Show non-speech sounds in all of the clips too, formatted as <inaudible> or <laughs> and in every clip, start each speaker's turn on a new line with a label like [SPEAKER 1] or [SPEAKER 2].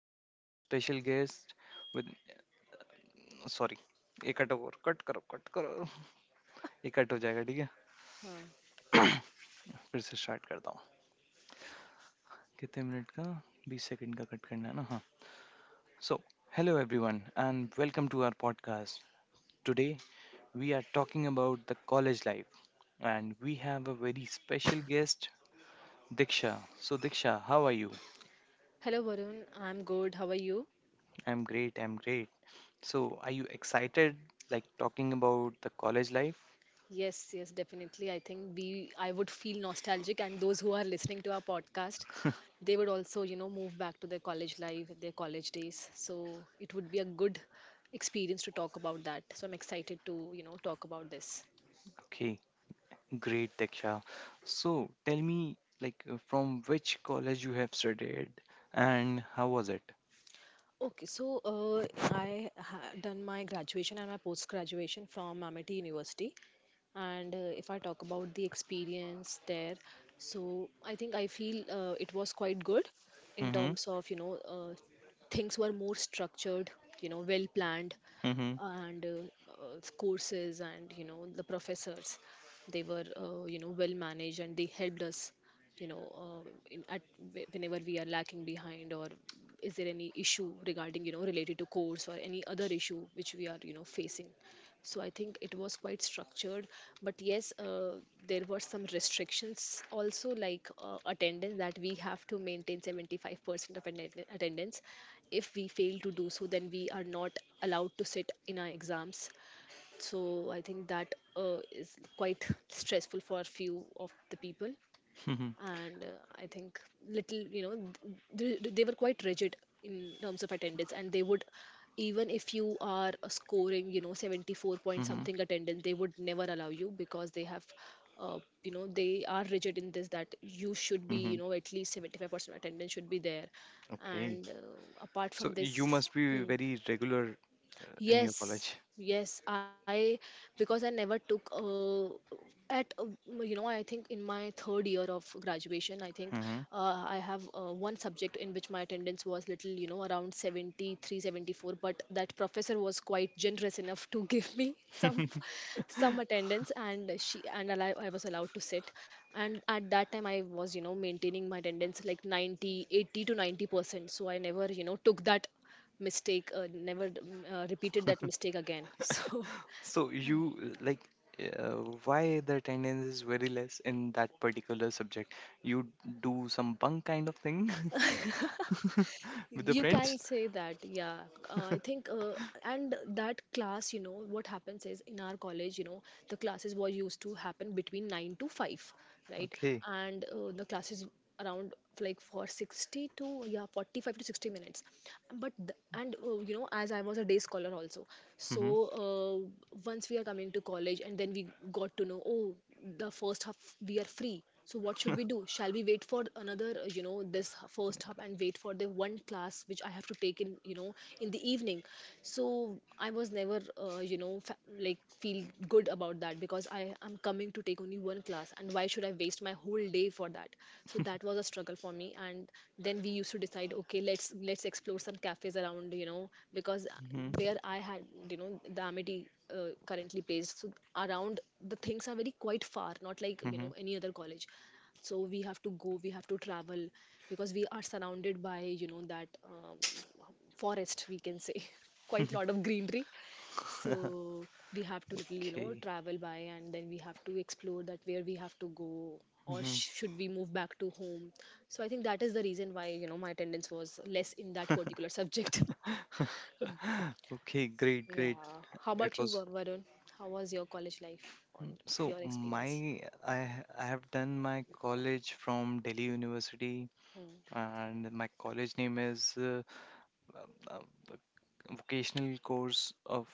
[SPEAKER 1] a very special guest with sorry, ये कटो और कट करो ये कट हो जाएगा ठीक है
[SPEAKER 2] Huh.
[SPEAKER 1] <coughs> फिर से स्टार्ट करता हूँ कितने मिनट का बीस सेकंड का कट करना है ना हाँ So, hello everyone, and welcome to our podcast. Today we are talking about the college life, and we have a very special guest, Diksha. So, Diksha, how are you?
[SPEAKER 2] Hello Varun, I'm good. How are you?
[SPEAKER 1] I'm great, I'm great. So, are you excited, like, talking about the college life?
[SPEAKER 2] Yes, yes, definitely. I think we I would feel nostalgic, and those who are listening to our podcast, they would also, you know, move back to their college life, their college days. So it would be a good experience to talk about that. So I'm excited to, you know, talk about this.
[SPEAKER 1] Okay, great, Diksha. So, tell me, like, from which college you have studied and how was it?
[SPEAKER 2] Okay, so I done my graduation and my post graduation from Amity University, and if I talk about the experience there, so I think I feel it was quite good in
[SPEAKER 1] Mm-hmm.
[SPEAKER 2] terms of you know things were more structured, you know, well planned,
[SPEAKER 1] Mm-hmm.
[SPEAKER 2] and courses and you know the professors, they were you know well managed and they helped us you know in, at whenever we are lacking behind, or is there any issue regarding you know related to course or any other issue which we are you know facing. So I think it was quite structured, but yes there were some restrictions also, like attendance, that we have to maintain 75% of attendance. If we fail to do so, then we are not allowed to sit in our exams. So I think that is quite stressful for few of the people.
[SPEAKER 1] Mm-hmm.
[SPEAKER 2] And I think little you know they were quite rigid in terms of attendance, and they would, even if you are scoring you know 74 point
[SPEAKER 1] Mm-hmm.
[SPEAKER 2] something attendance, they would never allow you, because they have uh, you know they are rigid in this, that you should be you
[SPEAKER 1] Mm-hmm.
[SPEAKER 2] know at least 75% attendance should be there.
[SPEAKER 1] Okay.
[SPEAKER 2] And apart
[SPEAKER 1] So,
[SPEAKER 2] from
[SPEAKER 1] you
[SPEAKER 2] this,
[SPEAKER 1] must be
[SPEAKER 2] hmm,
[SPEAKER 1] very regular in your
[SPEAKER 2] yes,
[SPEAKER 1] college.
[SPEAKER 2] yes, I because I never took at you know I think in my third year of graduation, I think
[SPEAKER 1] Mm-hmm.
[SPEAKER 2] I have one subject in which my attendance was little you know around 73, 74, but that professor was quite generous enough to <laughs> give me some
[SPEAKER 1] <laughs>
[SPEAKER 2] attendance, and she and I was allowed to sit, and at that time I was you know maintaining my attendance like 90, 80 to 90%, so I never you know took that mistake, never repeated that mistake again <laughs> so,
[SPEAKER 1] So,
[SPEAKER 2] yeah,
[SPEAKER 1] you like, uh, why the attendance is very less in that particular subject? You do some bunk kind of thing <laughs> with the
[SPEAKER 2] you can
[SPEAKER 1] friends?
[SPEAKER 2] say that, yeah, I think, and that class, you know what happens is in our college you know the classes were used to happen between 9 to 5, right.
[SPEAKER 1] Okay.
[SPEAKER 2] And the classes around, like for 60 to, yeah, 45 to 60 minutes, but and you know as I was a day scholar also, so
[SPEAKER 1] Mm-hmm.
[SPEAKER 2] uh, once we are coming to college and then we got to know, oh, the first half we are free, so what should we do? Shall we wait for another, you know, this first half, and wait for the one class which I have to take in you know in the evening? So I was never you know like feel good about that, because I am coming to take only one class and why should I waste my whole day for that? So that was a struggle for me, and then we used to decide, okay, let's explore some cafes around, you know, because
[SPEAKER 1] Mm-hmm.
[SPEAKER 2] where I had, you know, the Amity currently placed, so around, the things are very quite far, not like you
[SPEAKER 1] Mm-hmm.
[SPEAKER 2] know any other college. So we have to go, we have to travel, because we are surrounded by you know that forest we can say, <laughs> quite lot of greenery.
[SPEAKER 1] <laughs>
[SPEAKER 2] So we have to little you know
[SPEAKER 1] Okay.
[SPEAKER 2] travel by, and then we have to explore that, where we have to go, or
[SPEAKER 1] Mm-hmm.
[SPEAKER 2] should we move back to home. So I think that is the reason why you know my attendance was less in that particular <laughs> subject.
[SPEAKER 1] Okay, great, great.
[SPEAKER 2] Yeah. How about
[SPEAKER 1] It
[SPEAKER 2] you,
[SPEAKER 1] was.
[SPEAKER 2] Varun? How was your college life, on
[SPEAKER 1] Mm, so
[SPEAKER 2] your
[SPEAKER 1] my
[SPEAKER 2] experience?
[SPEAKER 1] I ha- I have done my college from Delhi University,
[SPEAKER 2] Hmm.
[SPEAKER 1] and my college name is um, um, vocational course of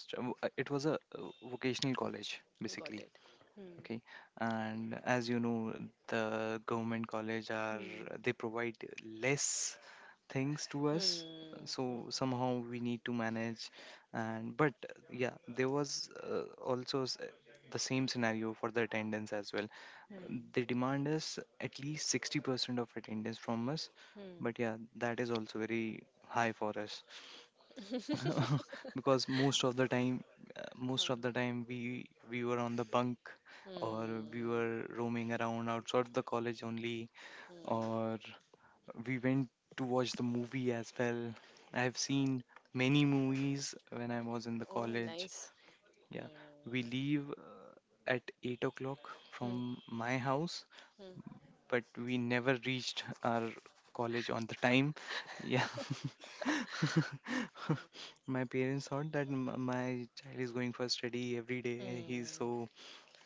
[SPEAKER 1] it was a vocational college
[SPEAKER 2] Got
[SPEAKER 1] basically.
[SPEAKER 2] it. Hmm.
[SPEAKER 1] Okay, and as you know, the government college are,
[SPEAKER 2] Hmm.
[SPEAKER 1] they provide less things to us.
[SPEAKER 2] Hmm.
[SPEAKER 1] So somehow we need to manage, and but yeah, there was also the same scenario for the attendance as well. They
[SPEAKER 2] Hmm.
[SPEAKER 1] demand us at least 60% of attendance from us,
[SPEAKER 2] Hmm. Hmm.
[SPEAKER 1] but yeah, that is also very high for us. <laughs> Because most of the time, uh, most
[SPEAKER 2] Huh.
[SPEAKER 1] of the time we we were on the bunk, or we
[SPEAKER 2] Hmm.
[SPEAKER 1] were roaming around outside the college only,
[SPEAKER 2] Hmm.
[SPEAKER 1] or we went to watch the movie as well. I have seen many movies when I was in the
[SPEAKER 2] Oh,
[SPEAKER 1] college.
[SPEAKER 2] nice.
[SPEAKER 1] Yeah,
[SPEAKER 2] Hmm.
[SPEAKER 1] we leave at 8 o'clock from
[SPEAKER 2] Hmm.
[SPEAKER 1] my house,
[SPEAKER 2] Hmm.
[SPEAKER 1] but we never reached our college on the time. Yeah. <laughs>
[SPEAKER 2] Ah.
[SPEAKER 1] My parents thought that my child is going for study every day. He's
[SPEAKER 2] Hmm.
[SPEAKER 1] so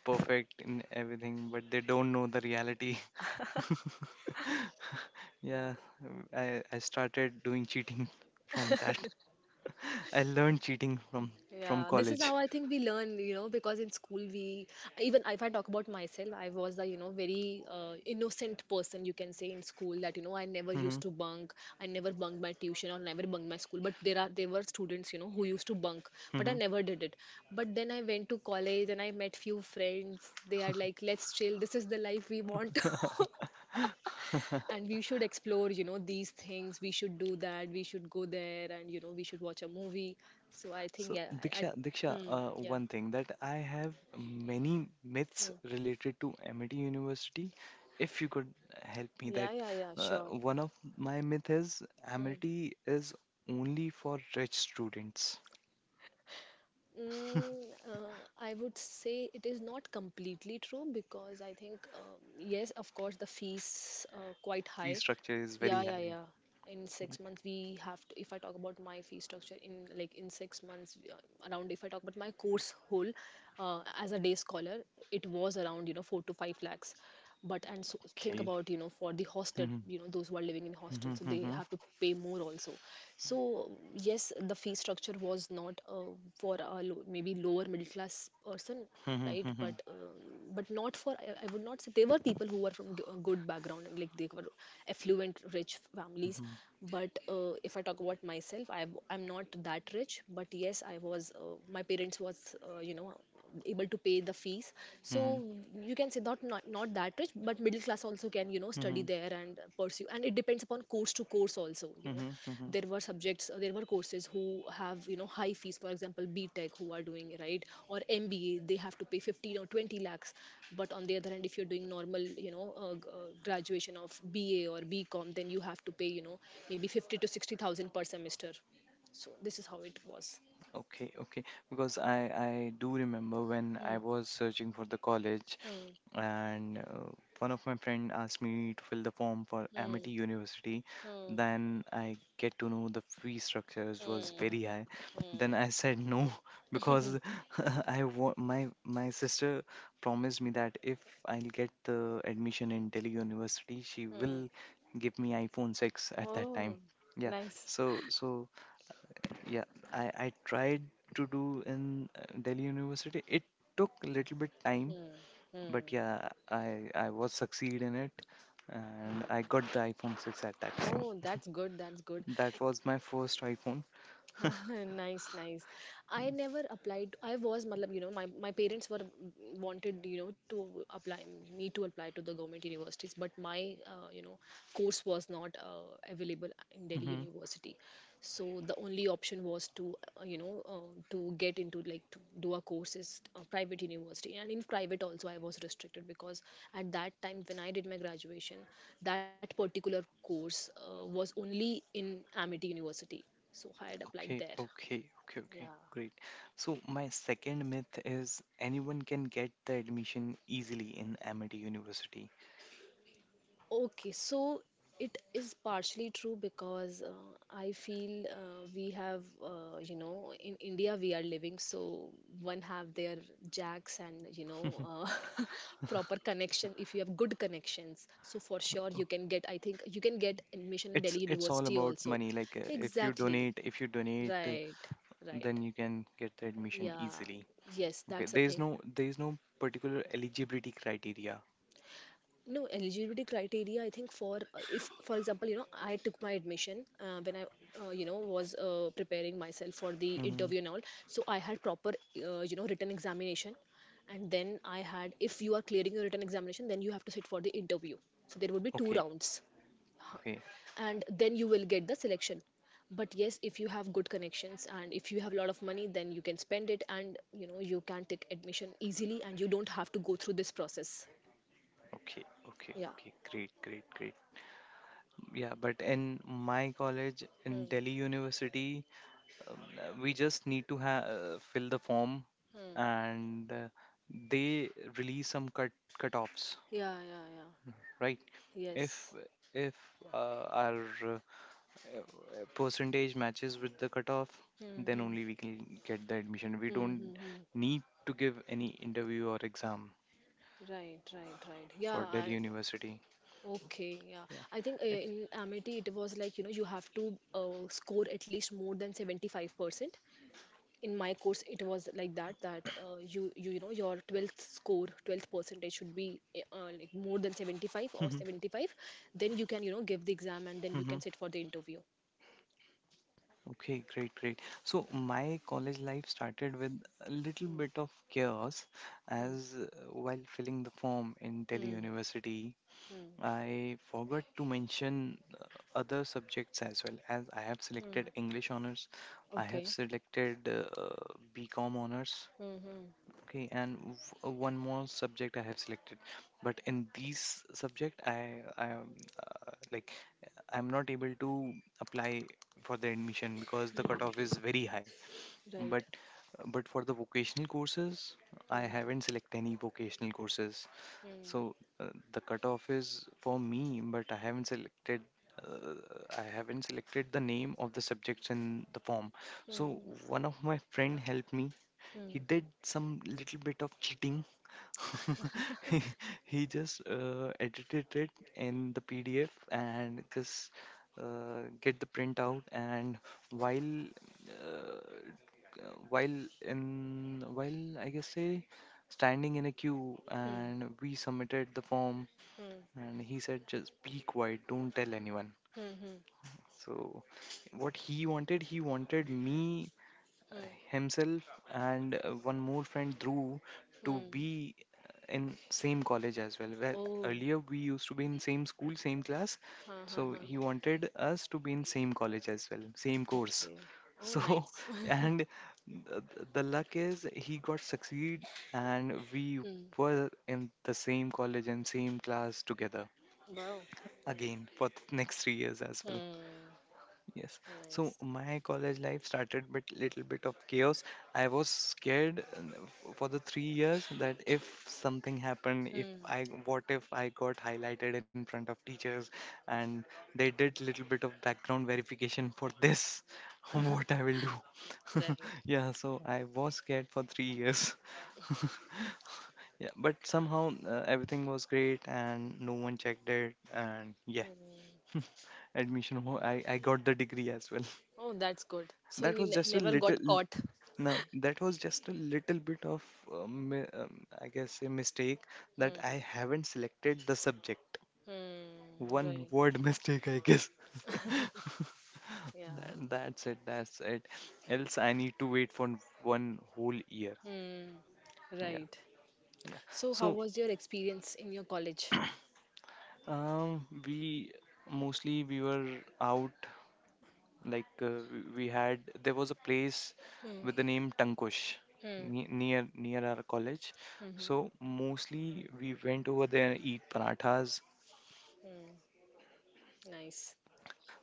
[SPEAKER 1] perfect in everything, but they don't know the reality. <laughs> Yeah,
[SPEAKER 2] Yeah.
[SPEAKER 1] I started doing cheating from that. <laughs> I learned cheating from
[SPEAKER 2] Yeah, this is
[SPEAKER 1] college.
[SPEAKER 2] how I think we learn, you know, because in school we, even if I talk about myself, I was the you know very innocent person you can say, in school, that you know I never
[SPEAKER 1] Hmm.
[SPEAKER 2] used to bunk, I never bunked my tuition or never bunked my school. But there were students you know who used to bunk, but I
[SPEAKER 1] Hmm.
[SPEAKER 2] never did it. But then I went to college and I met few friends. They are like, let's chill. This is the life we want, <laughs>
[SPEAKER 1] <laughs>
[SPEAKER 2] and we should explore, you know, these things. We should do that. We should go there, and you know we should watch a movie. So I think,
[SPEAKER 1] So,
[SPEAKER 2] yeah, I.
[SPEAKER 1] Diksha, Diksha,
[SPEAKER 2] Hmm, yeah.
[SPEAKER 1] one thing that I have many myths
[SPEAKER 2] Mm.
[SPEAKER 1] related to MIT University. If you could help me,
[SPEAKER 2] Yeah,
[SPEAKER 1] that,
[SPEAKER 2] yeah, yeah, sure.
[SPEAKER 1] one of my myth is
[SPEAKER 2] Hmm.
[SPEAKER 1] MIT is only for rich students. <laughs>
[SPEAKER 2] Mm, I would say it is not completely true, because I think, yes, of course, the fees quite
[SPEAKER 1] Fee
[SPEAKER 2] high.
[SPEAKER 1] structure is
[SPEAKER 2] Yeah,
[SPEAKER 1] very
[SPEAKER 2] yeah,
[SPEAKER 1] high.
[SPEAKER 2] yeah. In 6 months, we have to, if I talk about my fee structure, in like in 6 months, we are- around, if I talk about my course whole, as a day scholar, it was around, you know, 4 to 5 lakhs. But, and so think
[SPEAKER 1] Okay. <laughs>
[SPEAKER 2] about you know for the hostel,
[SPEAKER 1] Hmm.
[SPEAKER 2] you know those who are living in
[SPEAKER 1] Hmm.
[SPEAKER 2] hostels, so they
[SPEAKER 1] Hmm.
[SPEAKER 2] have to pay more also. So yes, the fee structure was not for a low, maybe lower middle class person,
[SPEAKER 1] Hmm.
[SPEAKER 2] right,
[SPEAKER 1] Hmm. Hmm.
[SPEAKER 2] but not for, I would not say they were people who were from good background, and like they were affluent rich families. But if I talk about myself, I'm not that rich, but yes I was, my parents was you know able to pay the fees. So
[SPEAKER 1] Hmm.
[SPEAKER 2] you can say, not that rich, but middle class also can you know
[SPEAKER 1] Hmm.
[SPEAKER 2] study there and pursue, and it depends upon course to course also, you know.
[SPEAKER 1] Hmm. Hmm.
[SPEAKER 2] There were subjects, there were courses who have you know high fees, for example, BTech, who are doing, right, or MBA, they have to pay 15 or 20 lakhs. But on the other hand, if you're doing normal you know graduation of BA or BCom, then you have to pay you know maybe 50 to 60,000 per semester. So this is how it was.
[SPEAKER 1] Okay, okay. Because I do remember when I
[SPEAKER 2] Hmm,
[SPEAKER 1] was searching for the college,
[SPEAKER 2] hmm,
[SPEAKER 1] and one of my friend asked me to fill the form for
[SPEAKER 2] hmm,
[SPEAKER 1] Amity University.
[SPEAKER 2] hmm,
[SPEAKER 1] Then I get to know the fee structures was very
[SPEAKER 2] hmm.
[SPEAKER 1] high. Then I said no. <laughs> Because <laughs> I want my my sister promised me that if I'll get the admission in Delhi University, she will give me iphone 6 at that
[SPEAKER 2] Oh,
[SPEAKER 1] time. Yeah,
[SPEAKER 2] nice.
[SPEAKER 1] so so yeah, I tried to do in Delhi University. It took a little bit time, but yeah, I was succeed in it, and I got the iPhone 6 at that time.
[SPEAKER 2] Oh, that's good. That's good.
[SPEAKER 1] That was my first iPhone. <laughs>
[SPEAKER 2] <laughs> Nice, nice. I never applied. I was, matlab, you know, my parents were wanted, you know, to apply me to apply to the government universities, but my, you know, course was not available in Delhi
[SPEAKER 1] Hmm.
[SPEAKER 2] University. So the only option was to, you know, to get into, like to do a course is private university, and in private also I was restricted, because at that time when I did my graduation, that particular course was only in Amity University, so I had
[SPEAKER 1] Okay,
[SPEAKER 2] applied there.
[SPEAKER 1] okay, okay, okay.
[SPEAKER 2] Yeah.
[SPEAKER 1] Great. So my second myth is anyone can get the admission easily in Amity University.
[SPEAKER 2] Okay, so it is partially true, because I feel, we have, you know, in India we are living, so one have their jacks, and, you know, uh, <laughs> proper connection. If you have good connections, so for sure
[SPEAKER 1] Uh,
[SPEAKER 2] you can get, I think you can get admission in
[SPEAKER 1] It's
[SPEAKER 2] Delhi
[SPEAKER 1] it's all
[SPEAKER 2] University
[SPEAKER 1] about
[SPEAKER 2] also.
[SPEAKER 1] money. Like, if you
[SPEAKER 2] Exactly.
[SPEAKER 1] donate,
[SPEAKER 2] Right, right.
[SPEAKER 1] then you can get the admission
[SPEAKER 2] Yeah,
[SPEAKER 1] easily.
[SPEAKER 2] yes,
[SPEAKER 1] Okay,
[SPEAKER 2] that's a
[SPEAKER 1] there is
[SPEAKER 2] thing.
[SPEAKER 1] no there is no particular eligibility criteria.
[SPEAKER 2] No eligibility criteria, I think, for if for example you know I took my admission when I you know was preparing myself for the
[SPEAKER 1] Hmm.
[SPEAKER 2] interview and all. So I had proper you know written examination, and then I had, if you are clearing your written examination, then you have to sit for the interview, so there would be two
[SPEAKER 1] Okay,
[SPEAKER 2] rounds.
[SPEAKER 1] okay.
[SPEAKER 2] And then you will get the selection. But yes, if you have good connections and if you have a lot of money, then you can spend it and you know you can take admission easily and you don't have to go through this process.
[SPEAKER 1] Okay, okay,
[SPEAKER 2] Yeah.
[SPEAKER 1] okay. Great, great, great. Yeah, but in my college, in Delhi University, we just need to ha fill the form,
[SPEAKER 2] Hmm.
[SPEAKER 1] and they release some cutoffs,
[SPEAKER 2] Yeah, yeah, yeah.
[SPEAKER 1] right? If
[SPEAKER 2] Yes.
[SPEAKER 1] if our uh, uh, percentage matches with the cutoff, then
[SPEAKER 2] Mm-hmm.
[SPEAKER 1] only we can get the admission. We don't
[SPEAKER 2] Mm-hmm.
[SPEAKER 1] need to give any interview or exam
[SPEAKER 2] Right, right, right. Yeah,
[SPEAKER 1] for Delhi
[SPEAKER 2] I'm
[SPEAKER 1] University.
[SPEAKER 2] okay. Yeah,
[SPEAKER 1] Yeah.
[SPEAKER 2] I think
[SPEAKER 1] It,
[SPEAKER 2] in Amity it was like you know you have to score at least more than 75%. In my course, it was like that, that you know your 12th score 12th percentage should be, like more than 75 or 75. Then you can you know give the exam and then you can
[SPEAKER 1] <laughs>
[SPEAKER 2] sit for the interview.
[SPEAKER 1] Okay, great, great. So my college life started with a little bit of chaos
[SPEAKER 2] Hmm.
[SPEAKER 1] as, while filling the form in Delhi
[SPEAKER 2] Hmm.
[SPEAKER 1] University, I forgot to mention other subjects as well, as I have selected
[SPEAKER 2] Mm-hmm.
[SPEAKER 1] English honors, I have
[SPEAKER 2] Okay.
[SPEAKER 1] selected BCom honors.
[SPEAKER 2] Mm-hmm.
[SPEAKER 1] Okay, and one more subject I have selected, but in these subject, I am, like I'm not able to apply for the admission because the cutoff is very high. But
[SPEAKER 2] Right.
[SPEAKER 1] but for the vocational courses, I
[SPEAKER 2] Hmm.
[SPEAKER 1] haven't selected any vocational courses.
[SPEAKER 2] Hmm.
[SPEAKER 1] So, the cutoff is for me, but I haven't selected. Uh, I haven't selected the name of the subjects in the form.
[SPEAKER 2] Hmm.
[SPEAKER 1] So
[SPEAKER 2] Hmm.
[SPEAKER 1] one of my friend helped me. He
[SPEAKER 2] Hmm.
[SPEAKER 1] did some little bit of cheating. <laughs>
[SPEAKER 2] Hmm,
[SPEAKER 1] he, he just edited it in the pdf and just get the printout, and while uh, while in while I guess say standing in a queue,
[SPEAKER 2] hmm,
[SPEAKER 1] and we submitted the form. And he said just be quiet, don't tell anyone.
[SPEAKER 2] hmm, hmm,
[SPEAKER 1] So what he wanted me,
[SPEAKER 2] hmm,
[SPEAKER 1] himself, and one more friend, Dhruv, to
[SPEAKER 2] hmm.
[SPEAKER 1] be in same college as well. Where
[SPEAKER 2] Oh,
[SPEAKER 1] earlier we used to be in same school, same class,
[SPEAKER 2] ha, ha,
[SPEAKER 1] so he
[SPEAKER 2] ha.
[SPEAKER 1] wanted us to be in same college as well, same course.
[SPEAKER 2] Okay. Oh,
[SPEAKER 1] So
[SPEAKER 2] nice.
[SPEAKER 1] <laughs>
[SPEAKER 2] <laughs>
[SPEAKER 1] and the, the luck is he got succeed, and we
[SPEAKER 2] Hmm.
[SPEAKER 1] were in the same college and same class together
[SPEAKER 2] Wow.
[SPEAKER 1] again for the next 3 years as well.
[SPEAKER 2] Hmm.
[SPEAKER 1] Yes. So
[SPEAKER 2] Nice.
[SPEAKER 1] my college life started with little bit of chaos. I was scared, for the 3 years that if something happened, if
[SPEAKER 2] Hmm.
[SPEAKER 1] I what if I got highlighted in front of teachers and they did little bit of background verification for this, <laughs> what
[SPEAKER 2] <laughs>
[SPEAKER 1] I will do.
[SPEAKER 2] Right.
[SPEAKER 1] <laughs> Yeah, so I was scared for 3 years. <laughs> Yeah, but somehow everything was great and no one checked it and yeah. <laughs> Admission, I got the degree as well.
[SPEAKER 2] Oh, that's good. So
[SPEAKER 1] That
[SPEAKER 2] you
[SPEAKER 1] was just a
[SPEAKER 2] never
[SPEAKER 1] little.
[SPEAKER 2] got caught.
[SPEAKER 1] No, that was just a little bit of, um, mi- um, I guess, a mistake that
[SPEAKER 2] Hmm.
[SPEAKER 1] I haven't selected the subject.
[SPEAKER 2] Hmm.
[SPEAKER 1] One
[SPEAKER 2] Right.
[SPEAKER 1] word <laughs> mistake, I guess. <laughs>
[SPEAKER 2] Yeah.
[SPEAKER 1] That's it, that's it. Else I need to wait for one whole year.
[SPEAKER 2] Hmm.
[SPEAKER 1] Yeah,
[SPEAKER 2] Right.
[SPEAKER 1] yeah.
[SPEAKER 2] So how
[SPEAKER 1] So,
[SPEAKER 2] was your experience in your college?
[SPEAKER 1] we mostly we were out. Like, we had, there was a place with
[SPEAKER 2] Hmm.
[SPEAKER 1] the name Tankush
[SPEAKER 2] Hmm. Mm-hmm.
[SPEAKER 1] near our college.
[SPEAKER 2] Hmm.
[SPEAKER 1] So mostly we went over there and eat parathas.
[SPEAKER 2] Hmm. Nice.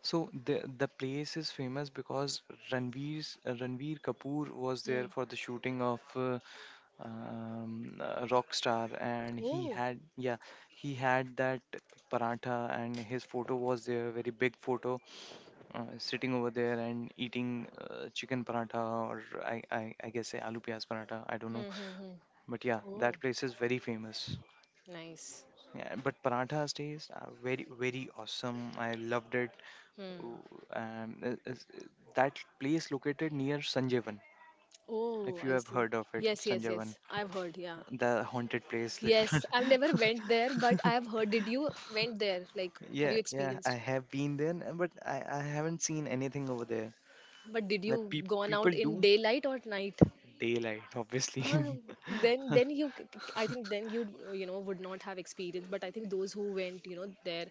[SPEAKER 1] So the place is famous because Ranveer Kapoor was
[SPEAKER 2] Hmm.
[SPEAKER 1] there for the shooting of, Rockstar, and
[SPEAKER 2] Oh.
[SPEAKER 1] yeah he had that paratha, and his photo was there, very big photo, sitting over there and eating chicken paratha, or I guess say aloo piyaz paratha. I don't know,
[SPEAKER 2] Hmm. Hmm. hmm.
[SPEAKER 1] but yeah,
[SPEAKER 2] Oh.
[SPEAKER 1] that place is very famous.
[SPEAKER 2] Nice.
[SPEAKER 1] Yeah, but paratha's taste are very very awesome. I loved it.
[SPEAKER 2] Hmm.
[SPEAKER 1] Ooh, Um, i- is- that place located near Sanjeevan. If
[SPEAKER 2] Oh,
[SPEAKER 1] you
[SPEAKER 2] I
[SPEAKER 1] have
[SPEAKER 2] see.
[SPEAKER 1] heard of it,
[SPEAKER 2] Yes, yes,
[SPEAKER 1] Sanjeevan,
[SPEAKER 2] yes. I've heard, yeah.
[SPEAKER 1] the haunted place, literally.
[SPEAKER 2] Yes, I've never went there, but I've
[SPEAKER 1] <laughs>
[SPEAKER 2] heard. Did you went there? Like, have
[SPEAKER 1] Yeah,
[SPEAKER 2] you
[SPEAKER 1] yeah, I
[SPEAKER 2] experienced?
[SPEAKER 1] have been there, but I haven't seen anything over there.
[SPEAKER 2] But did
[SPEAKER 1] Like
[SPEAKER 2] you gone
[SPEAKER 1] people
[SPEAKER 2] out in
[SPEAKER 1] do.
[SPEAKER 2] daylight or at night?
[SPEAKER 1] Daylight,
[SPEAKER 2] Ah,
[SPEAKER 1] obviously.
[SPEAKER 2] then you, c- c- I think
[SPEAKER 1] <laughs>
[SPEAKER 2] then you know, would not have experience. But I think those who went, there,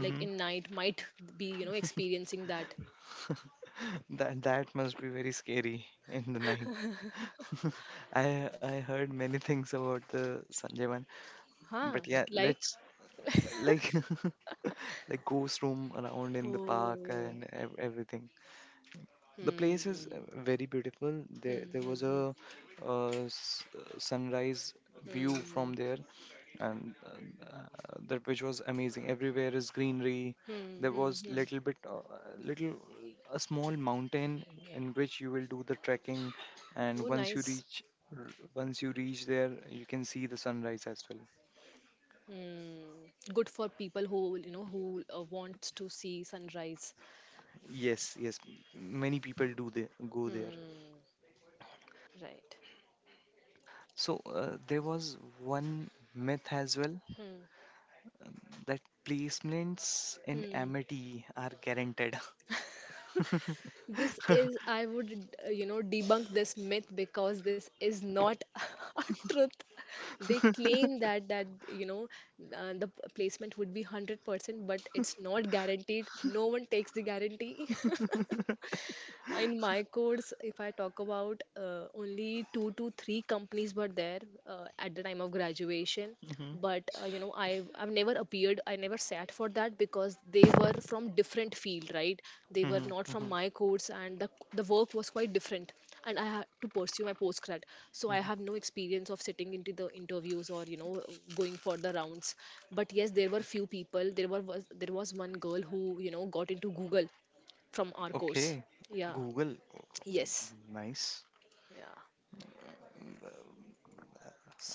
[SPEAKER 2] like in night, might be, experiencing that.
[SPEAKER 1] That must be very scary in the night.
[SPEAKER 2] <laughs>
[SPEAKER 1] <laughs> I heard many things about the Sanjay one,
[SPEAKER 2] Huh?
[SPEAKER 1] but yeah,
[SPEAKER 2] Like?
[SPEAKER 1] let's,
[SPEAKER 2] <laughs>
[SPEAKER 1] like, <laughs> like, ghost room around in the park
[SPEAKER 2] Oh.
[SPEAKER 1] and everything. The place is,
[SPEAKER 2] Hmm.
[SPEAKER 1] very beautiful. There
[SPEAKER 2] Hmm.
[SPEAKER 1] there was
[SPEAKER 2] Hmm. Hmm.
[SPEAKER 1] a uh, s- sunrise view from
[SPEAKER 2] Hmm.
[SPEAKER 1] there, and uh, that which was amazing, everywhere is greenery.
[SPEAKER 2] Hmm.
[SPEAKER 1] There
[SPEAKER 2] Hmm.
[SPEAKER 1] was
[SPEAKER 2] Hmm.
[SPEAKER 1] little bit, little a small mountain in which you will do the trekking, and
[SPEAKER 2] Oh, nice.
[SPEAKER 1] once you reach there you can see the sunrise as well.
[SPEAKER 2] Mm, Good for people who you know who wants to see sunrise.
[SPEAKER 1] Yes, yes, many people do, they go there.
[SPEAKER 2] Hmm. Right.
[SPEAKER 1] So, there was one myth as well
[SPEAKER 2] Hmm.
[SPEAKER 1] that placements in
[SPEAKER 2] Hmm.
[SPEAKER 1] Amity are guaranteed. <laughs>
[SPEAKER 2] This is I would debunk this myth because this is not <laughs> a truth. They claim
[SPEAKER 1] <laughs>
[SPEAKER 2] that the placement would be 100%, but it's not guaranteed. No one takes the guarantee. <laughs> In my course, if I talk about, only two to three companies were there at the time of graduation.
[SPEAKER 1] Mhm,
[SPEAKER 2] But I've never appeared, I never sat for that because they were from different field, right? They were
[SPEAKER 1] mhm,
[SPEAKER 2] not from
[SPEAKER 1] mhm.
[SPEAKER 2] my course, and the work was quite different. And I had to pursue my postgrad, so I
[SPEAKER 1] Mhm.
[SPEAKER 2] have no experience of sitting into the interviews or, going for the rounds. But yes, there were few people, there was one girl who, got into Google from our course,
[SPEAKER 1] Okay.
[SPEAKER 2] yeah.
[SPEAKER 1] Google, oh,
[SPEAKER 2] Yes.
[SPEAKER 1] nice.
[SPEAKER 2] Yeah.
[SPEAKER 1] Uh,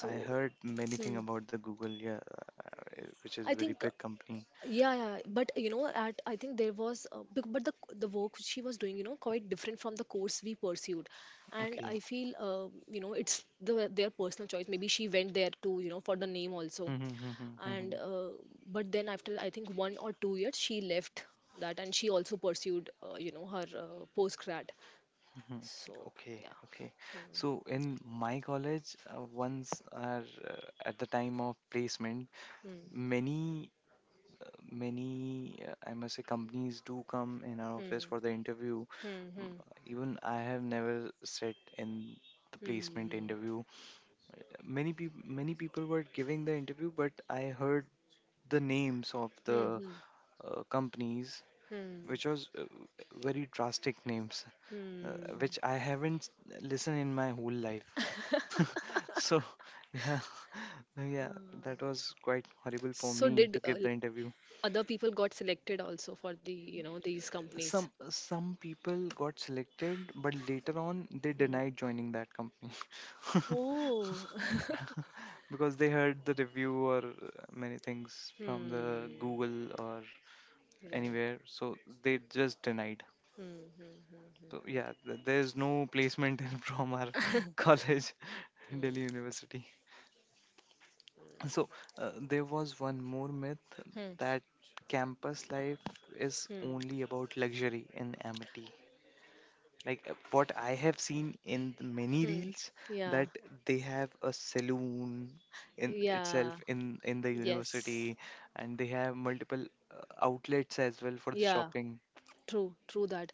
[SPEAKER 1] I heard many thing
[SPEAKER 2] hmm,
[SPEAKER 1] about the Google, yeah, which is
[SPEAKER 2] I
[SPEAKER 1] very
[SPEAKER 2] think,
[SPEAKER 1] big company.
[SPEAKER 2] yeah, yeah. But you know, at I think there was, but the work she was doing, quite different from the course we pursued. And
[SPEAKER 1] Okay.
[SPEAKER 2] I feel, it's their personal choice. Maybe she went there to, for the name
[SPEAKER 1] <laughs>
[SPEAKER 2] also.
[SPEAKER 1] Mhm, mhm,
[SPEAKER 2] And
[SPEAKER 1] mhm,
[SPEAKER 2] but then, after I think 1 or 2 years, she left that, and she also pursued, her post grad.
[SPEAKER 1] mhm.
[SPEAKER 2] So,
[SPEAKER 1] Okay,
[SPEAKER 2] yeah.
[SPEAKER 1] okay.
[SPEAKER 2] Hmm,
[SPEAKER 1] So in my college, once are at the time of placement,
[SPEAKER 2] hmm,
[SPEAKER 1] many many, I must say, companies do come in our office
[SPEAKER 2] hmm,
[SPEAKER 1] for the interview.
[SPEAKER 2] hmm,
[SPEAKER 1] Mm,
[SPEAKER 2] hmm,
[SPEAKER 1] Even I have never sat in the placement
[SPEAKER 2] hmm,
[SPEAKER 1] interview. Many people, were giving the interview, but I heard the names of the,
[SPEAKER 2] hmm, hmm,
[SPEAKER 1] companies,
[SPEAKER 2] hmm.
[SPEAKER 1] which was, very drastic names,
[SPEAKER 2] Hmm.
[SPEAKER 1] which I haven't listened in my whole life. <laughs> So yeah, <laughs> yeah, that
[SPEAKER 2] Uh,
[SPEAKER 1] was quite horrible for
[SPEAKER 2] so
[SPEAKER 1] me
[SPEAKER 2] did,
[SPEAKER 1] to give the interview.
[SPEAKER 2] other people got selected also for these companies?
[SPEAKER 1] Some people got selected, but later on they
[SPEAKER 2] Hmm.
[SPEAKER 1] denied joining that company. <laughs>
[SPEAKER 2] Oh,
[SPEAKER 1] Because they heard the review or, many things
[SPEAKER 2] <laughs>
[SPEAKER 1] from the
[SPEAKER 2] Hmm.
[SPEAKER 1] Google or
[SPEAKER 2] Right.
[SPEAKER 1] anywhere, so they just denied.
[SPEAKER 2] Hmm. Hmm.
[SPEAKER 1] So
[SPEAKER 2] Hmm.
[SPEAKER 1] yeah, there's no placement in from our
[SPEAKER 2] Hmm.
[SPEAKER 1] <laughs> college, Delhi
[SPEAKER 2] Hmm. <laughs>
[SPEAKER 1] University. So, there was one more myth
[SPEAKER 2] Hmm. Hmm.
[SPEAKER 1] that campus life is
[SPEAKER 2] Hmm.
[SPEAKER 1] only about luxury in Amity. Like, what I have seen in the many
[SPEAKER 2] hmm.
[SPEAKER 1] reels
[SPEAKER 2] Yeah.
[SPEAKER 1] that they have a saloon in
[SPEAKER 2] Yeah.
[SPEAKER 1] itself in the
[SPEAKER 2] Yes.
[SPEAKER 1] university, and they have multiple uh, outlets as well for the
[SPEAKER 2] Yeah.
[SPEAKER 1] shopping.
[SPEAKER 2] True, true that.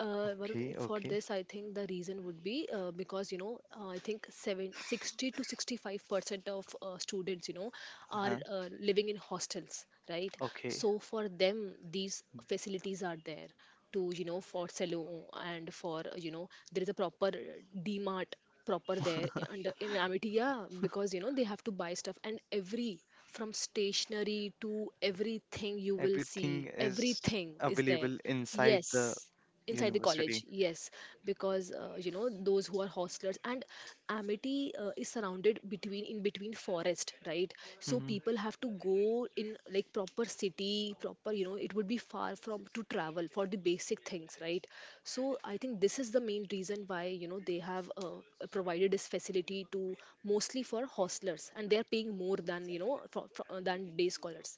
[SPEAKER 2] Varun,
[SPEAKER 1] Okay,
[SPEAKER 2] for
[SPEAKER 1] okay.
[SPEAKER 2] this, I think the reason would be because, I think seven sixty to 65% of students, are
[SPEAKER 1] Uh-huh.
[SPEAKER 2] living in hostels, right?
[SPEAKER 1] Okay.
[SPEAKER 2] So for them, these facilities are there to, for salon and for, there is a proper Mart proper there
[SPEAKER 1] <laughs>
[SPEAKER 2] and in Amity, yeah, because, they have to buy stuff, and every, from stationery to everything you will
[SPEAKER 1] Everything
[SPEAKER 2] see,
[SPEAKER 1] is
[SPEAKER 2] everything is there.
[SPEAKER 1] available inside the
[SPEAKER 2] Yes, inside the
[SPEAKER 1] university.
[SPEAKER 2] college, yes, because those who are hostlers, and Amity is surrounded between in between forest, right? So
[SPEAKER 1] Hmm.
[SPEAKER 2] people have to go in, like, proper city, proper, you know, it would be far from, to travel for the basic things, right? So I think this is the main reason why, they have, provided this facility to, mostly for hostlers, and they are paying more than you know for, than day scholars.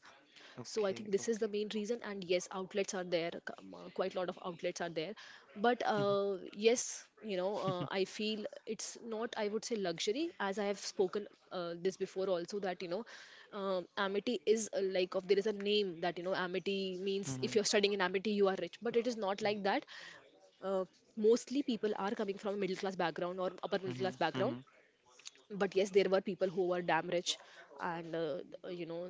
[SPEAKER 2] So I
[SPEAKER 1] Okay,
[SPEAKER 2] think this is
[SPEAKER 1] okay.
[SPEAKER 2] the main reason, and yes, outlets are there, quite a lot of outlets are there. But
[SPEAKER 1] Hmm.
[SPEAKER 2] yes, I feel it's not, I would say, luxury, as I have spoken, this before also, that, Amity is, like of, there is a name that, Amity means, if
[SPEAKER 1] Hmm.
[SPEAKER 2] you're studying in Amity you are rich, but it is not like that. uh, Mostly people are coming from a middle class background or upper middle class background.
[SPEAKER 1] Hmm.
[SPEAKER 2] But yes, there were people who were damn rich. And you know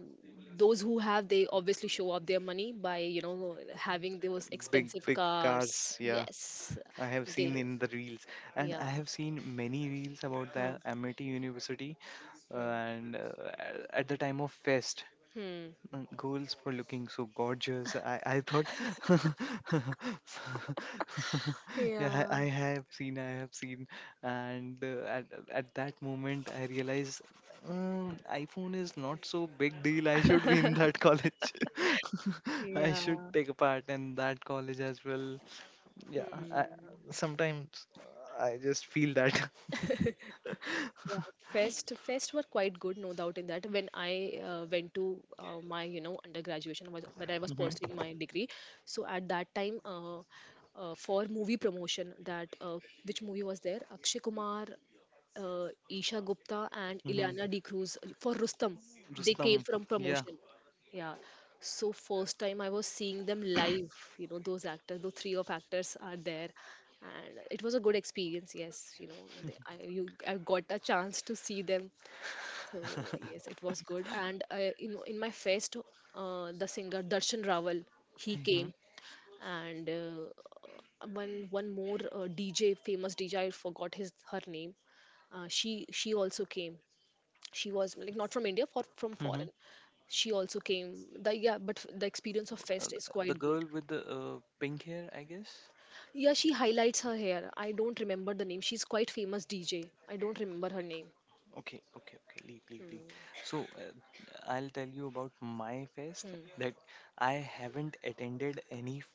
[SPEAKER 2] those who have, they obviously show off their money by, having those
[SPEAKER 1] Big,
[SPEAKER 2] expensive
[SPEAKER 1] big
[SPEAKER 2] cars,
[SPEAKER 1] cars, yeah.
[SPEAKER 2] yes,
[SPEAKER 1] I have
[SPEAKER 2] they.
[SPEAKER 1] seen in the reels, and I
[SPEAKER 2] Yeah.
[SPEAKER 1] have seen many reels about
[SPEAKER 2] Huh.
[SPEAKER 1] the Amity University. Uh,
[SPEAKER 2] Hmm.
[SPEAKER 1] and uh, at the time of fest,
[SPEAKER 2] Hmm.
[SPEAKER 1] girls were looking so gorgeous. I thought, <laughs> yeah,
[SPEAKER 2] Yeah.
[SPEAKER 1] I have seen, I have seen, and at that moment, I realized. iPhone is not so big deal. I should be in that college. <laughs> I should
[SPEAKER 2] Yeah.
[SPEAKER 1] take a part in that college as well. Yeah, I,
[SPEAKER 2] Hmm.
[SPEAKER 1] sometimes I just feel that.
[SPEAKER 2] Yeah,
[SPEAKER 1] <laughs>
[SPEAKER 2] fest were quite good, no doubt in that. When I went to my, undergraduate, was when I was pursuing
[SPEAKER 1] Mm-hmm.
[SPEAKER 2] my degree. So at that time, for movie promotion, that which movie was there? Akshay Kumar, Isha Gupta, and
[SPEAKER 1] Mm-hmm.
[SPEAKER 2] Ileana De Cruz for Rustam. They came
[SPEAKER 1] Rustam.
[SPEAKER 2] from
[SPEAKER 1] Yeah.
[SPEAKER 2] promotion. Yeah. So first time I was seeing them live. Those actors, those three of actors are there, and it was a good experience. Yes, I got a chance to see them. So yes, it was good. And in my fest, the singer Darshan Rawal, he
[SPEAKER 1] Mm-hmm.
[SPEAKER 2] came. And one more DJ famous DJ, I forgot his her name. She also came. She was, like, not from India, for from
[SPEAKER 1] Mm-hmm.
[SPEAKER 2] foreign. She also came. The Yeah, but the experience of
[SPEAKER 1] Uh,
[SPEAKER 2] fest is
[SPEAKER 1] the
[SPEAKER 2] quite good.
[SPEAKER 1] girl with the pink hair, I guess.
[SPEAKER 2] Yeah, she highlights her hair. I don't remember the name. She's quite famous DJ. I don't remember her name.
[SPEAKER 1] Okay, okay, okay. Leave, leave, leave. So I'll tell you about my fest
[SPEAKER 2] Hmm.
[SPEAKER 1] that I haven't attended any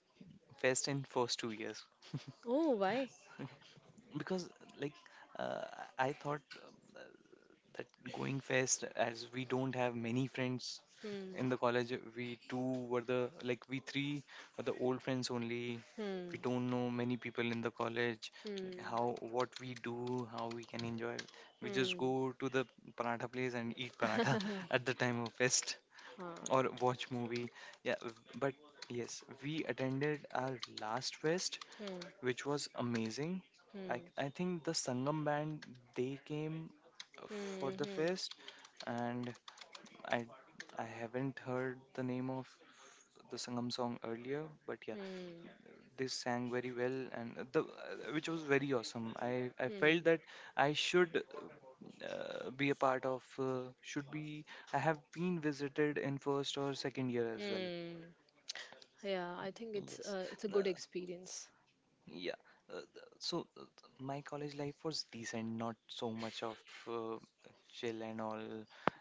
[SPEAKER 1] fest in first two years,
[SPEAKER 2] Oh, why?
[SPEAKER 1] <laughs> because like uh, I thought that going fest, as we don't have many friends
[SPEAKER 2] Hmm.
[SPEAKER 1] in the college, we two were the like we three were the old friends only. We
[SPEAKER 2] Hmm.
[SPEAKER 1] don't know many people in the college.
[SPEAKER 2] Hmm.
[SPEAKER 1] How, what we do, how we can enjoy? We just go
[SPEAKER 2] Hmm.
[SPEAKER 1] to the paratha place and eat paratha <laughs>
[SPEAKER 2] <laughs>
[SPEAKER 1] at the time of fest
[SPEAKER 2] Huh.
[SPEAKER 1] or watch movie, yeah. But yes, we attended our last fest,
[SPEAKER 2] Hmm.
[SPEAKER 1] which was amazing. I,
[SPEAKER 2] Hmm.
[SPEAKER 1] I think the Sangam band, they came for
[SPEAKER 2] Hmm.
[SPEAKER 1] the
[SPEAKER 2] Hmm.
[SPEAKER 1] fest, and I I haven't heard the name of the Sangam song earlier, but yeah,
[SPEAKER 2] Hmm.
[SPEAKER 1] they sang very well, and the which was very awesome. I felt
[SPEAKER 2] Hmm.
[SPEAKER 1] that I should be a part of should be. I have been visited in first or second year as well.
[SPEAKER 2] Hmm. Yeah, I think it's
[SPEAKER 1] Yes.
[SPEAKER 2] uh, it's a
[SPEAKER 1] Uh,
[SPEAKER 2] good experience.
[SPEAKER 1] yeah. So my college life was decent, not so much of chill and all.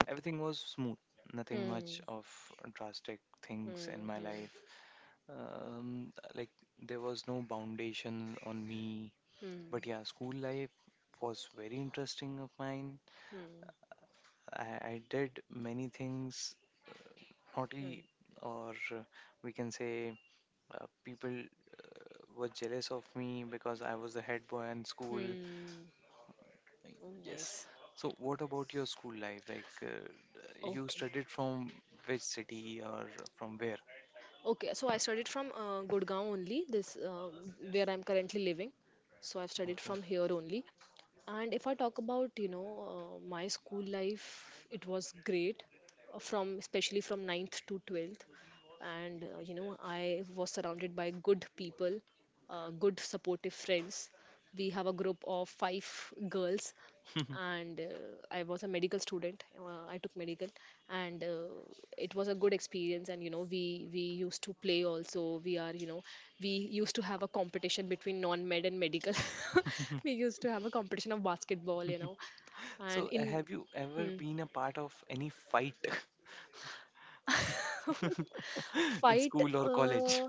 [SPEAKER 1] Everything was smooth, nothing much
[SPEAKER 2] Hmm.
[SPEAKER 1] of drastic things in
[SPEAKER 2] Hmm.
[SPEAKER 1] my
[SPEAKER 2] Hmm.
[SPEAKER 1] life. Like, there was no foundation on me.
[SPEAKER 2] Hmm.
[SPEAKER 1] But yeah, school life was very interesting of mine.
[SPEAKER 2] Hmm.
[SPEAKER 1] I did many things
[SPEAKER 2] Hmm.
[SPEAKER 1] naughty, or we can say people were jealous of me because I was the head boy in school.
[SPEAKER 2] Hmm. Oh,
[SPEAKER 1] Yes.
[SPEAKER 2] nice.
[SPEAKER 1] So, what about your school life? Like, you
[SPEAKER 2] Okay.
[SPEAKER 1] studied from which city or from where?
[SPEAKER 2] Okay, so I studied from Gurgaon only, this where I'm currently living. So I've studied
[SPEAKER 1] Okay.
[SPEAKER 2] from here only. And if I talk about, my school life, it was great, from especially from ninth to 12th. And I was surrounded by good people, good supportive friends. We have a group of five girls.
[SPEAKER 1] <laughs>
[SPEAKER 2] And I was a medical student, I took medical. And it was a good experience. And you know, we used to play also. We are you know we used to have a competition between non med and medical. <laughs> We used to have a competition of basketball, you know. And
[SPEAKER 1] So,
[SPEAKER 2] in.
[SPEAKER 1] have you ever
[SPEAKER 2] hmm,
[SPEAKER 1] been a part of any fight <laughs> in
[SPEAKER 2] Fight?
[SPEAKER 1] school or college?
[SPEAKER 2] uh,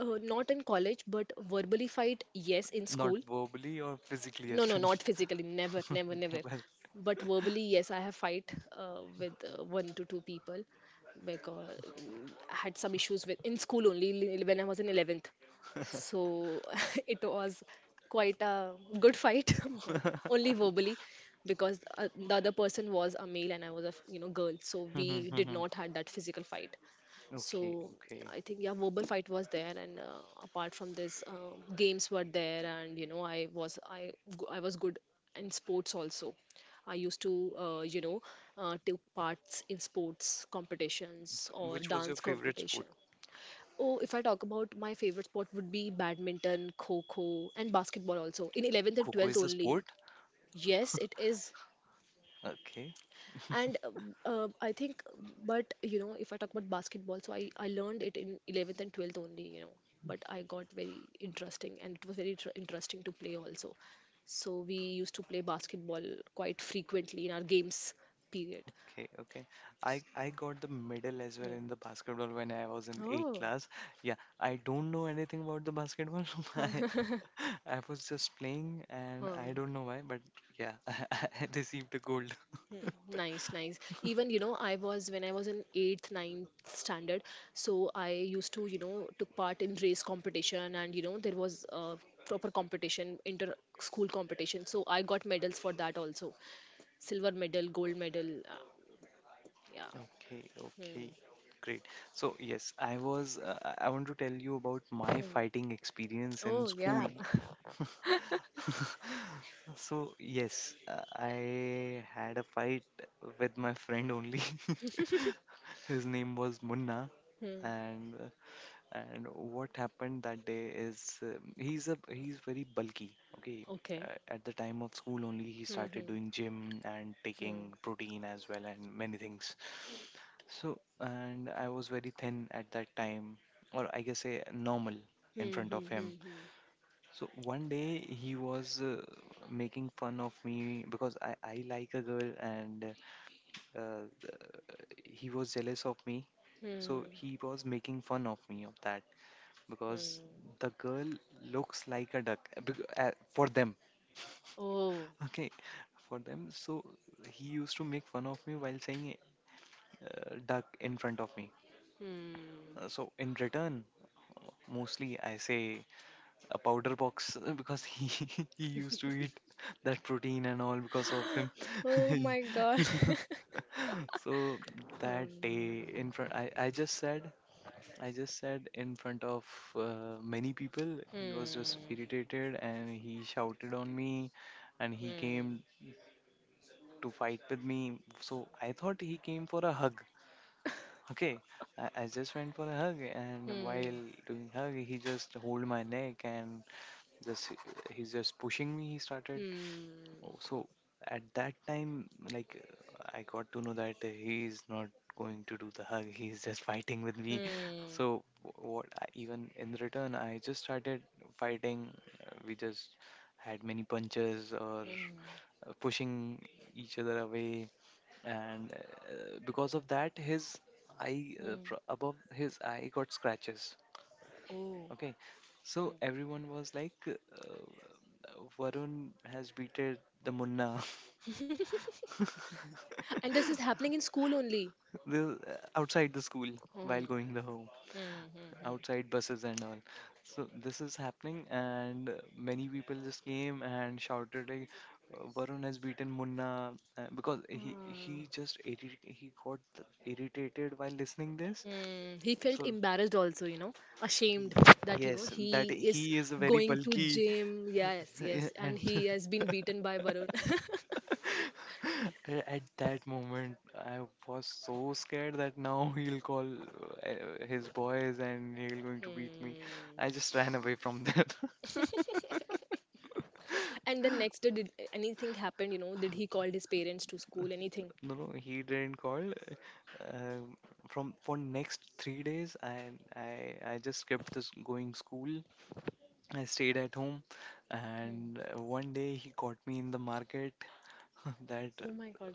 [SPEAKER 2] uh, Not in college, but verbally fight, yes, in
[SPEAKER 1] Not
[SPEAKER 2] school.
[SPEAKER 1] verbally or physically as
[SPEAKER 2] No, no, not
[SPEAKER 1] well.
[SPEAKER 2] physically. Never,
[SPEAKER 1] <laughs>
[SPEAKER 2] never, never.
[SPEAKER 1] Never.
[SPEAKER 2] But verbally, yes, I have fight with one to two people because, I had some issues with, in school only, when I was in 11th. So <laughs> it was quite a good fight, <laughs> but
[SPEAKER 1] <laughs>
[SPEAKER 2] only verbally. Because the other person was a male and I was a girl. So
[SPEAKER 1] Mhm,
[SPEAKER 2] we did
[SPEAKER 1] mhm.
[SPEAKER 2] not had that physical fight.
[SPEAKER 1] Okay,
[SPEAKER 2] So
[SPEAKER 1] okay.
[SPEAKER 2] I think, yeah, verbal fight was there. And apart from this, games were there. And you know, I was good in sports also. I used to take parts in sports competitions
[SPEAKER 1] So,
[SPEAKER 2] or
[SPEAKER 1] which was your
[SPEAKER 2] dance
[SPEAKER 1] favorite sport?
[SPEAKER 2] competition. Oh, if I talk about my favorite sport would be badminton, kho kho, and basketball also in 11th and
[SPEAKER 1] Coco
[SPEAKER 2] 12th
[SPEAKER 1] is the
[SPEAKER 2] only.
[SPEAKER 1] sport?
[SPEAKER 2] Yes, it is.
[SPEAKER 1] Okay. <laughs>
[SPEAKER 2] And I think, but you know, if I talk about basketball, so I learned it in 11th and 12th only, you know. But I got very interesting, and it was very interesting to play also. So we used to play basketball quite frequently in our games period.
[SPEAKER 1] Okay, okay. I got the medal as well
[SPEAKER 2] Hmm.
[SPEAKER 1] in the basketball when I was in eighth
[SPEAKER 2] Oh.
[SPEAKER 1] class. Yeah, I don't know anything about the basketball. <laughs> I I was just playing and I don't
[SPEAKER 2] <laughs>
[SPEAKER 1] know why, but yeah, <laughs> I received the gold.
[SPEAKER 2] Nice, nice. Even, I was when I was in eighth, ninth standard, so I used to, took part in race competition. And, there was a proper competition, inter school competition. So I got medals for that also. Silver medal, gold medal. Yeah.
[SPEAKER 1] Okay,
[SPEAKER 2] Hmm.
[SPEAKER 1] okay, great. So yes, I was I want to tell you about my
[SPEAKER 2] Hmm.
[SPEAKER 1] fighting experience in
[SPEAKER 2] Oh,
[SPEAKER 1] school.
[SPEAKER 2] yeah.
[SPEAKER 1] <laughs> So yes, I had a fight with my friend only.
[SPEAKER 2] <laughs>
[SPEAKER 1] <laughs> His name was Munna,
[SPEAKER 2] Hmm.
[SPEAKER 1] and uh, and what happened that day is he's a he's very bulky, okay.
[SPEAKER 2] Okay.
[SPEAKER 1] Uh, at the time of school only, he
[SPEAKER 2] Hmm.
[SPEAKER 1] started
[SPEAKER 2] Hmm.
[SPEAKER 1] doing gym and taking
[SPEAKER 2] Hmm.
[SPEAKER 1] protein as well and many things. So, and I was very thin at that time, or I guess say normal in
[SPEAKER 2] Hmm.
[SPEAKER 1] front of
[SPEAKER 2] Hmm.
[SPEAKER 1] him.
[SPEAKER 2] Hmm. Hmm.
[SPEAKER 1] So one day he was making fun of me because I like a girl, and uh, uh, he was jealous of me. So
[SPEAKER 2] Hmm.
[SPEAKER 1] he was making fun of me of that because
[SPEAKER 2] hmm.
[SPEAKER 1] the girl looks like a duck for them. <laughs>
[SPEAKER 2] Oh.
[SPEAKER 1] Okay, for them. So he used to make fun of me while saying duck in front of me.
[SPEAKER 2] Hmm.
[SPEAKER 1] So in return, mostly I say a powder box <laughs> because he <laughs> he used to eat that protein and all because of him.
[SPEAKER 2] Oh my God.
[SPEAKER 1] <laughs>
[SPEAKER 2] <laughs>
[SPEAKER 1] So that
[SPEAKER 2] Hmm.
[SPEAKER 1] day in front, I just said. I just said in front of many people, he was just
[SPEAKER 2] Hmm.
[SPEAKER 1] irritated and he shouted on me, and he came
[SPEAKER 2] Hmm.
[SPEAKER 1] to fight with me. So I thought he came for a hug. Okay, I just went for a hug, and
[SPEAKER 2] Hmm.
[SPEAKER 1] while doing hug, he just hold my neck and just he's just pushing me. He started. Oh,
[SPEAKER 2] Hmm.
[SPEAKER 1] so at that time, like, I got to know that he is not going to do the hug. <laughs> He's just fighting with me. <laughs>
[SPEAKER 2] Hmm.
[SPEAKER 1] So w- what? I, even in return, I just started fighting. We just had many punches or
[SPEAKER 2] Hmm.
[SPEAKER 1] pushing each other away, and because of that, his eye
[SPEAKER 2] Hmm.
[SPEAKER 1] above his eye got scratches.
[SPEAKER 2] Oh.
[SPEAKER 1] Okay, so
[SPEAKER 2] Hmm.
[SPEAKER 1] everyone was like, Varun has beaten the Munna. <laughs>
[SPEAKER 2] <laughs> And this is happening in
[SPEAKER 1] <laughs>
[SPEAKER 2] school only.
[SPEAKER 1] The outside the school, while
[SPEAKER 2] Hmm.
[SPEAKER 1] going the home
[SPEAKER 2] Hmm. Hmm. Hmm.
[SPEAKER 1] outside buses and all. So this is happening, and many people just came and shouted like, Varun has beaten Munna because he he
[SPEAKER 2] Ah.
[SPEAKER 1] just irri- he got irritated while listening this."
[SPEAKER 2] Hmm. He felt
[SPEAKER 1] So
[SPEAKER 2] embarrassed also, you know, ashamed,
[SPEAKER 1] he,
[SPEAKER 2] that,
[SPEAKER 1] yes, that
[SPEAKER 2] he is
[SPEAKER 1] he is very
[SPEAKER 2] going to
[SPEAKER 1] bulky.
[SPEAKER 2] gym. Yes, yes.
[SPEAKER 1] <laughs> And
[SPEAKER 2] And he has been beaten by Varun.
[SPEAKER 1] <laughs> at that moment, I was so scared that now he'll call his boys and he'll
[SPEAKER 2] <laughs>
[SPEAKER 1] going to
[SPEAKER 2] hmm.
[SPEAKER 1] beat me. I just ran away from that. <laughs>
[SPEAKER 2] And then next day, did anything happen, did he call his parents to school, anything?
[SPEAKER 1] No, no, he didn't call. Um, from for next 3 days, I just kept this going school. I stayed at home,
[SPEAKER 2] Hmm.
[SPEAKER 1] and one day he caught me in the market. <laughs> That
[SPEAKER 2] Oh my God.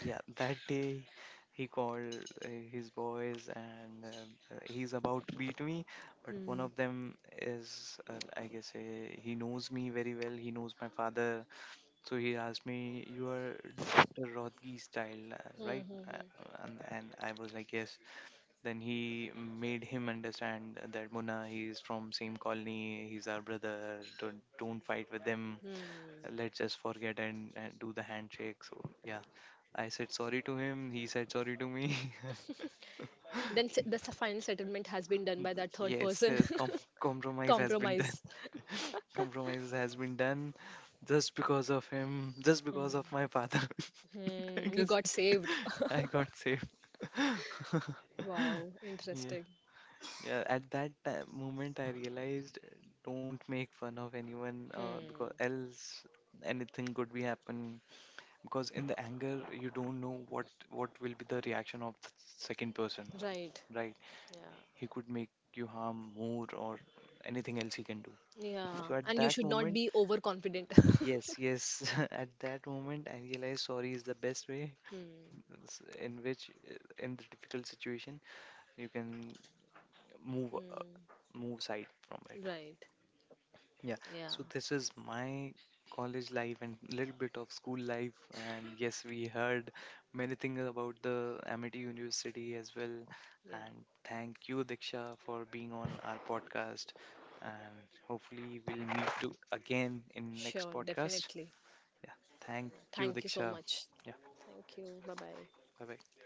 [SPEAKER 1] yeah, that day he called his boys and he's about to beat me, but one
[SPEAKER 2] Hmm.
[SPEAKER 1] of them is I guess he knows me very well, he knows my father. So he asked me, you are Dr. Rodgi's child,
[SPEAKER 2] Hmm.
[SPEAKER 1] right?
[SPEAKER 2] Hmm.
[SPEAKER 1] Uh, and I was like, yes. Then he made him understand that Mona, he's from same colony, he's our brother, don't fight with them,
[SPEAKER 2] Hmm. Hmm.
[SPEAKER 1] let's just forget, and do the handshake. So yeah, I said sorry to him, he said sorry to me.
[SPEAKER 2] Then
[SPEAKER 1] <laughs>
[SPEAKER 2] final settlement has been done by that third
[SPEAKER 1] Yes,
[SPEAKER 2] person.
[SPEAKER 1] yes,
[SPEAKER 2] <laughs>
[SPEAKER 1] compromise has been done.
[SPEAKER 2] Compromise.
[SPEAKER 1] <laughs> Compromise has been done just because of him, just because of my father. <laughs> I
[SPEAKER 2] You
[SPEAKER 1] guess
[SPEAKER 2] got saved.
[SPEAKER 1] <laughs> I got
[SPEAKER 2] <laughs>
[SPEAKER 1] saved. <laughs>
[SPEAKER 2] Wow,
[SPEAKER 1] Yeah,
[SPEAKER 2] interesting.
[SPEAKER 1] yeah. At that moment, I realized don't make fun of anyone because
[SPEAKER 2] Hmm.
[SPEAKER 1] else anything could be happen. Because in the anger, you don't know what will be the reaction of the second person.
[SPEAKER 2] Right.
[SPEAKER 1] Right?
[SPEAKER 2] Yeah.
[SPEAKER 1] He could make you harm more or anything else he can do.
[SPEAKER 2] Yeah.
[SPEAKER 1] So at
[SPEAKER 2] And you
[SPEAKER 1] that
[SPEAKER 2] should not
[SPEAKER 1] moment,
[SPEAKER 2] be overconfident. <laughs>
[SPEAKER 1] yes, yes, <laughs> at that moment, I realized sorry is the best way
[SPEAKER 2] Hmm.
[SPEAKER 1] in which, in the difficult situation, you can move
[SPEAKER 2] Hmm.
[SPEAKER 1] move side from it.
[SPEAKER 2] Right.
[SPEAKER 1] Yeah,
[SPEAKER 2] Yeah.
[SPEAKER 1] so this is my college life and little bit of school life. And yes, we heard many things about the Amity University as well.
[SPEAKER 2] Yeah.
[SPEAKER 1] And thank you, Diksha, for being on our podcast. And hopefully we'll meet to again in next
[SPEAKER 2] Sure.
[SPEAKER 1] podcast.
[SPEAKER 2] Definitely.
[SPEAKER 1] Yeah, thank
[SPEAKER 2] Thank you
[SPEAKER 1] you,
[SPEAKER 2] so much.
[SPEAKER 1] Diksha. Yeah,
[SPEAKER 2] Thank you. Bye bye.
[SPEAKER 1] bye bye.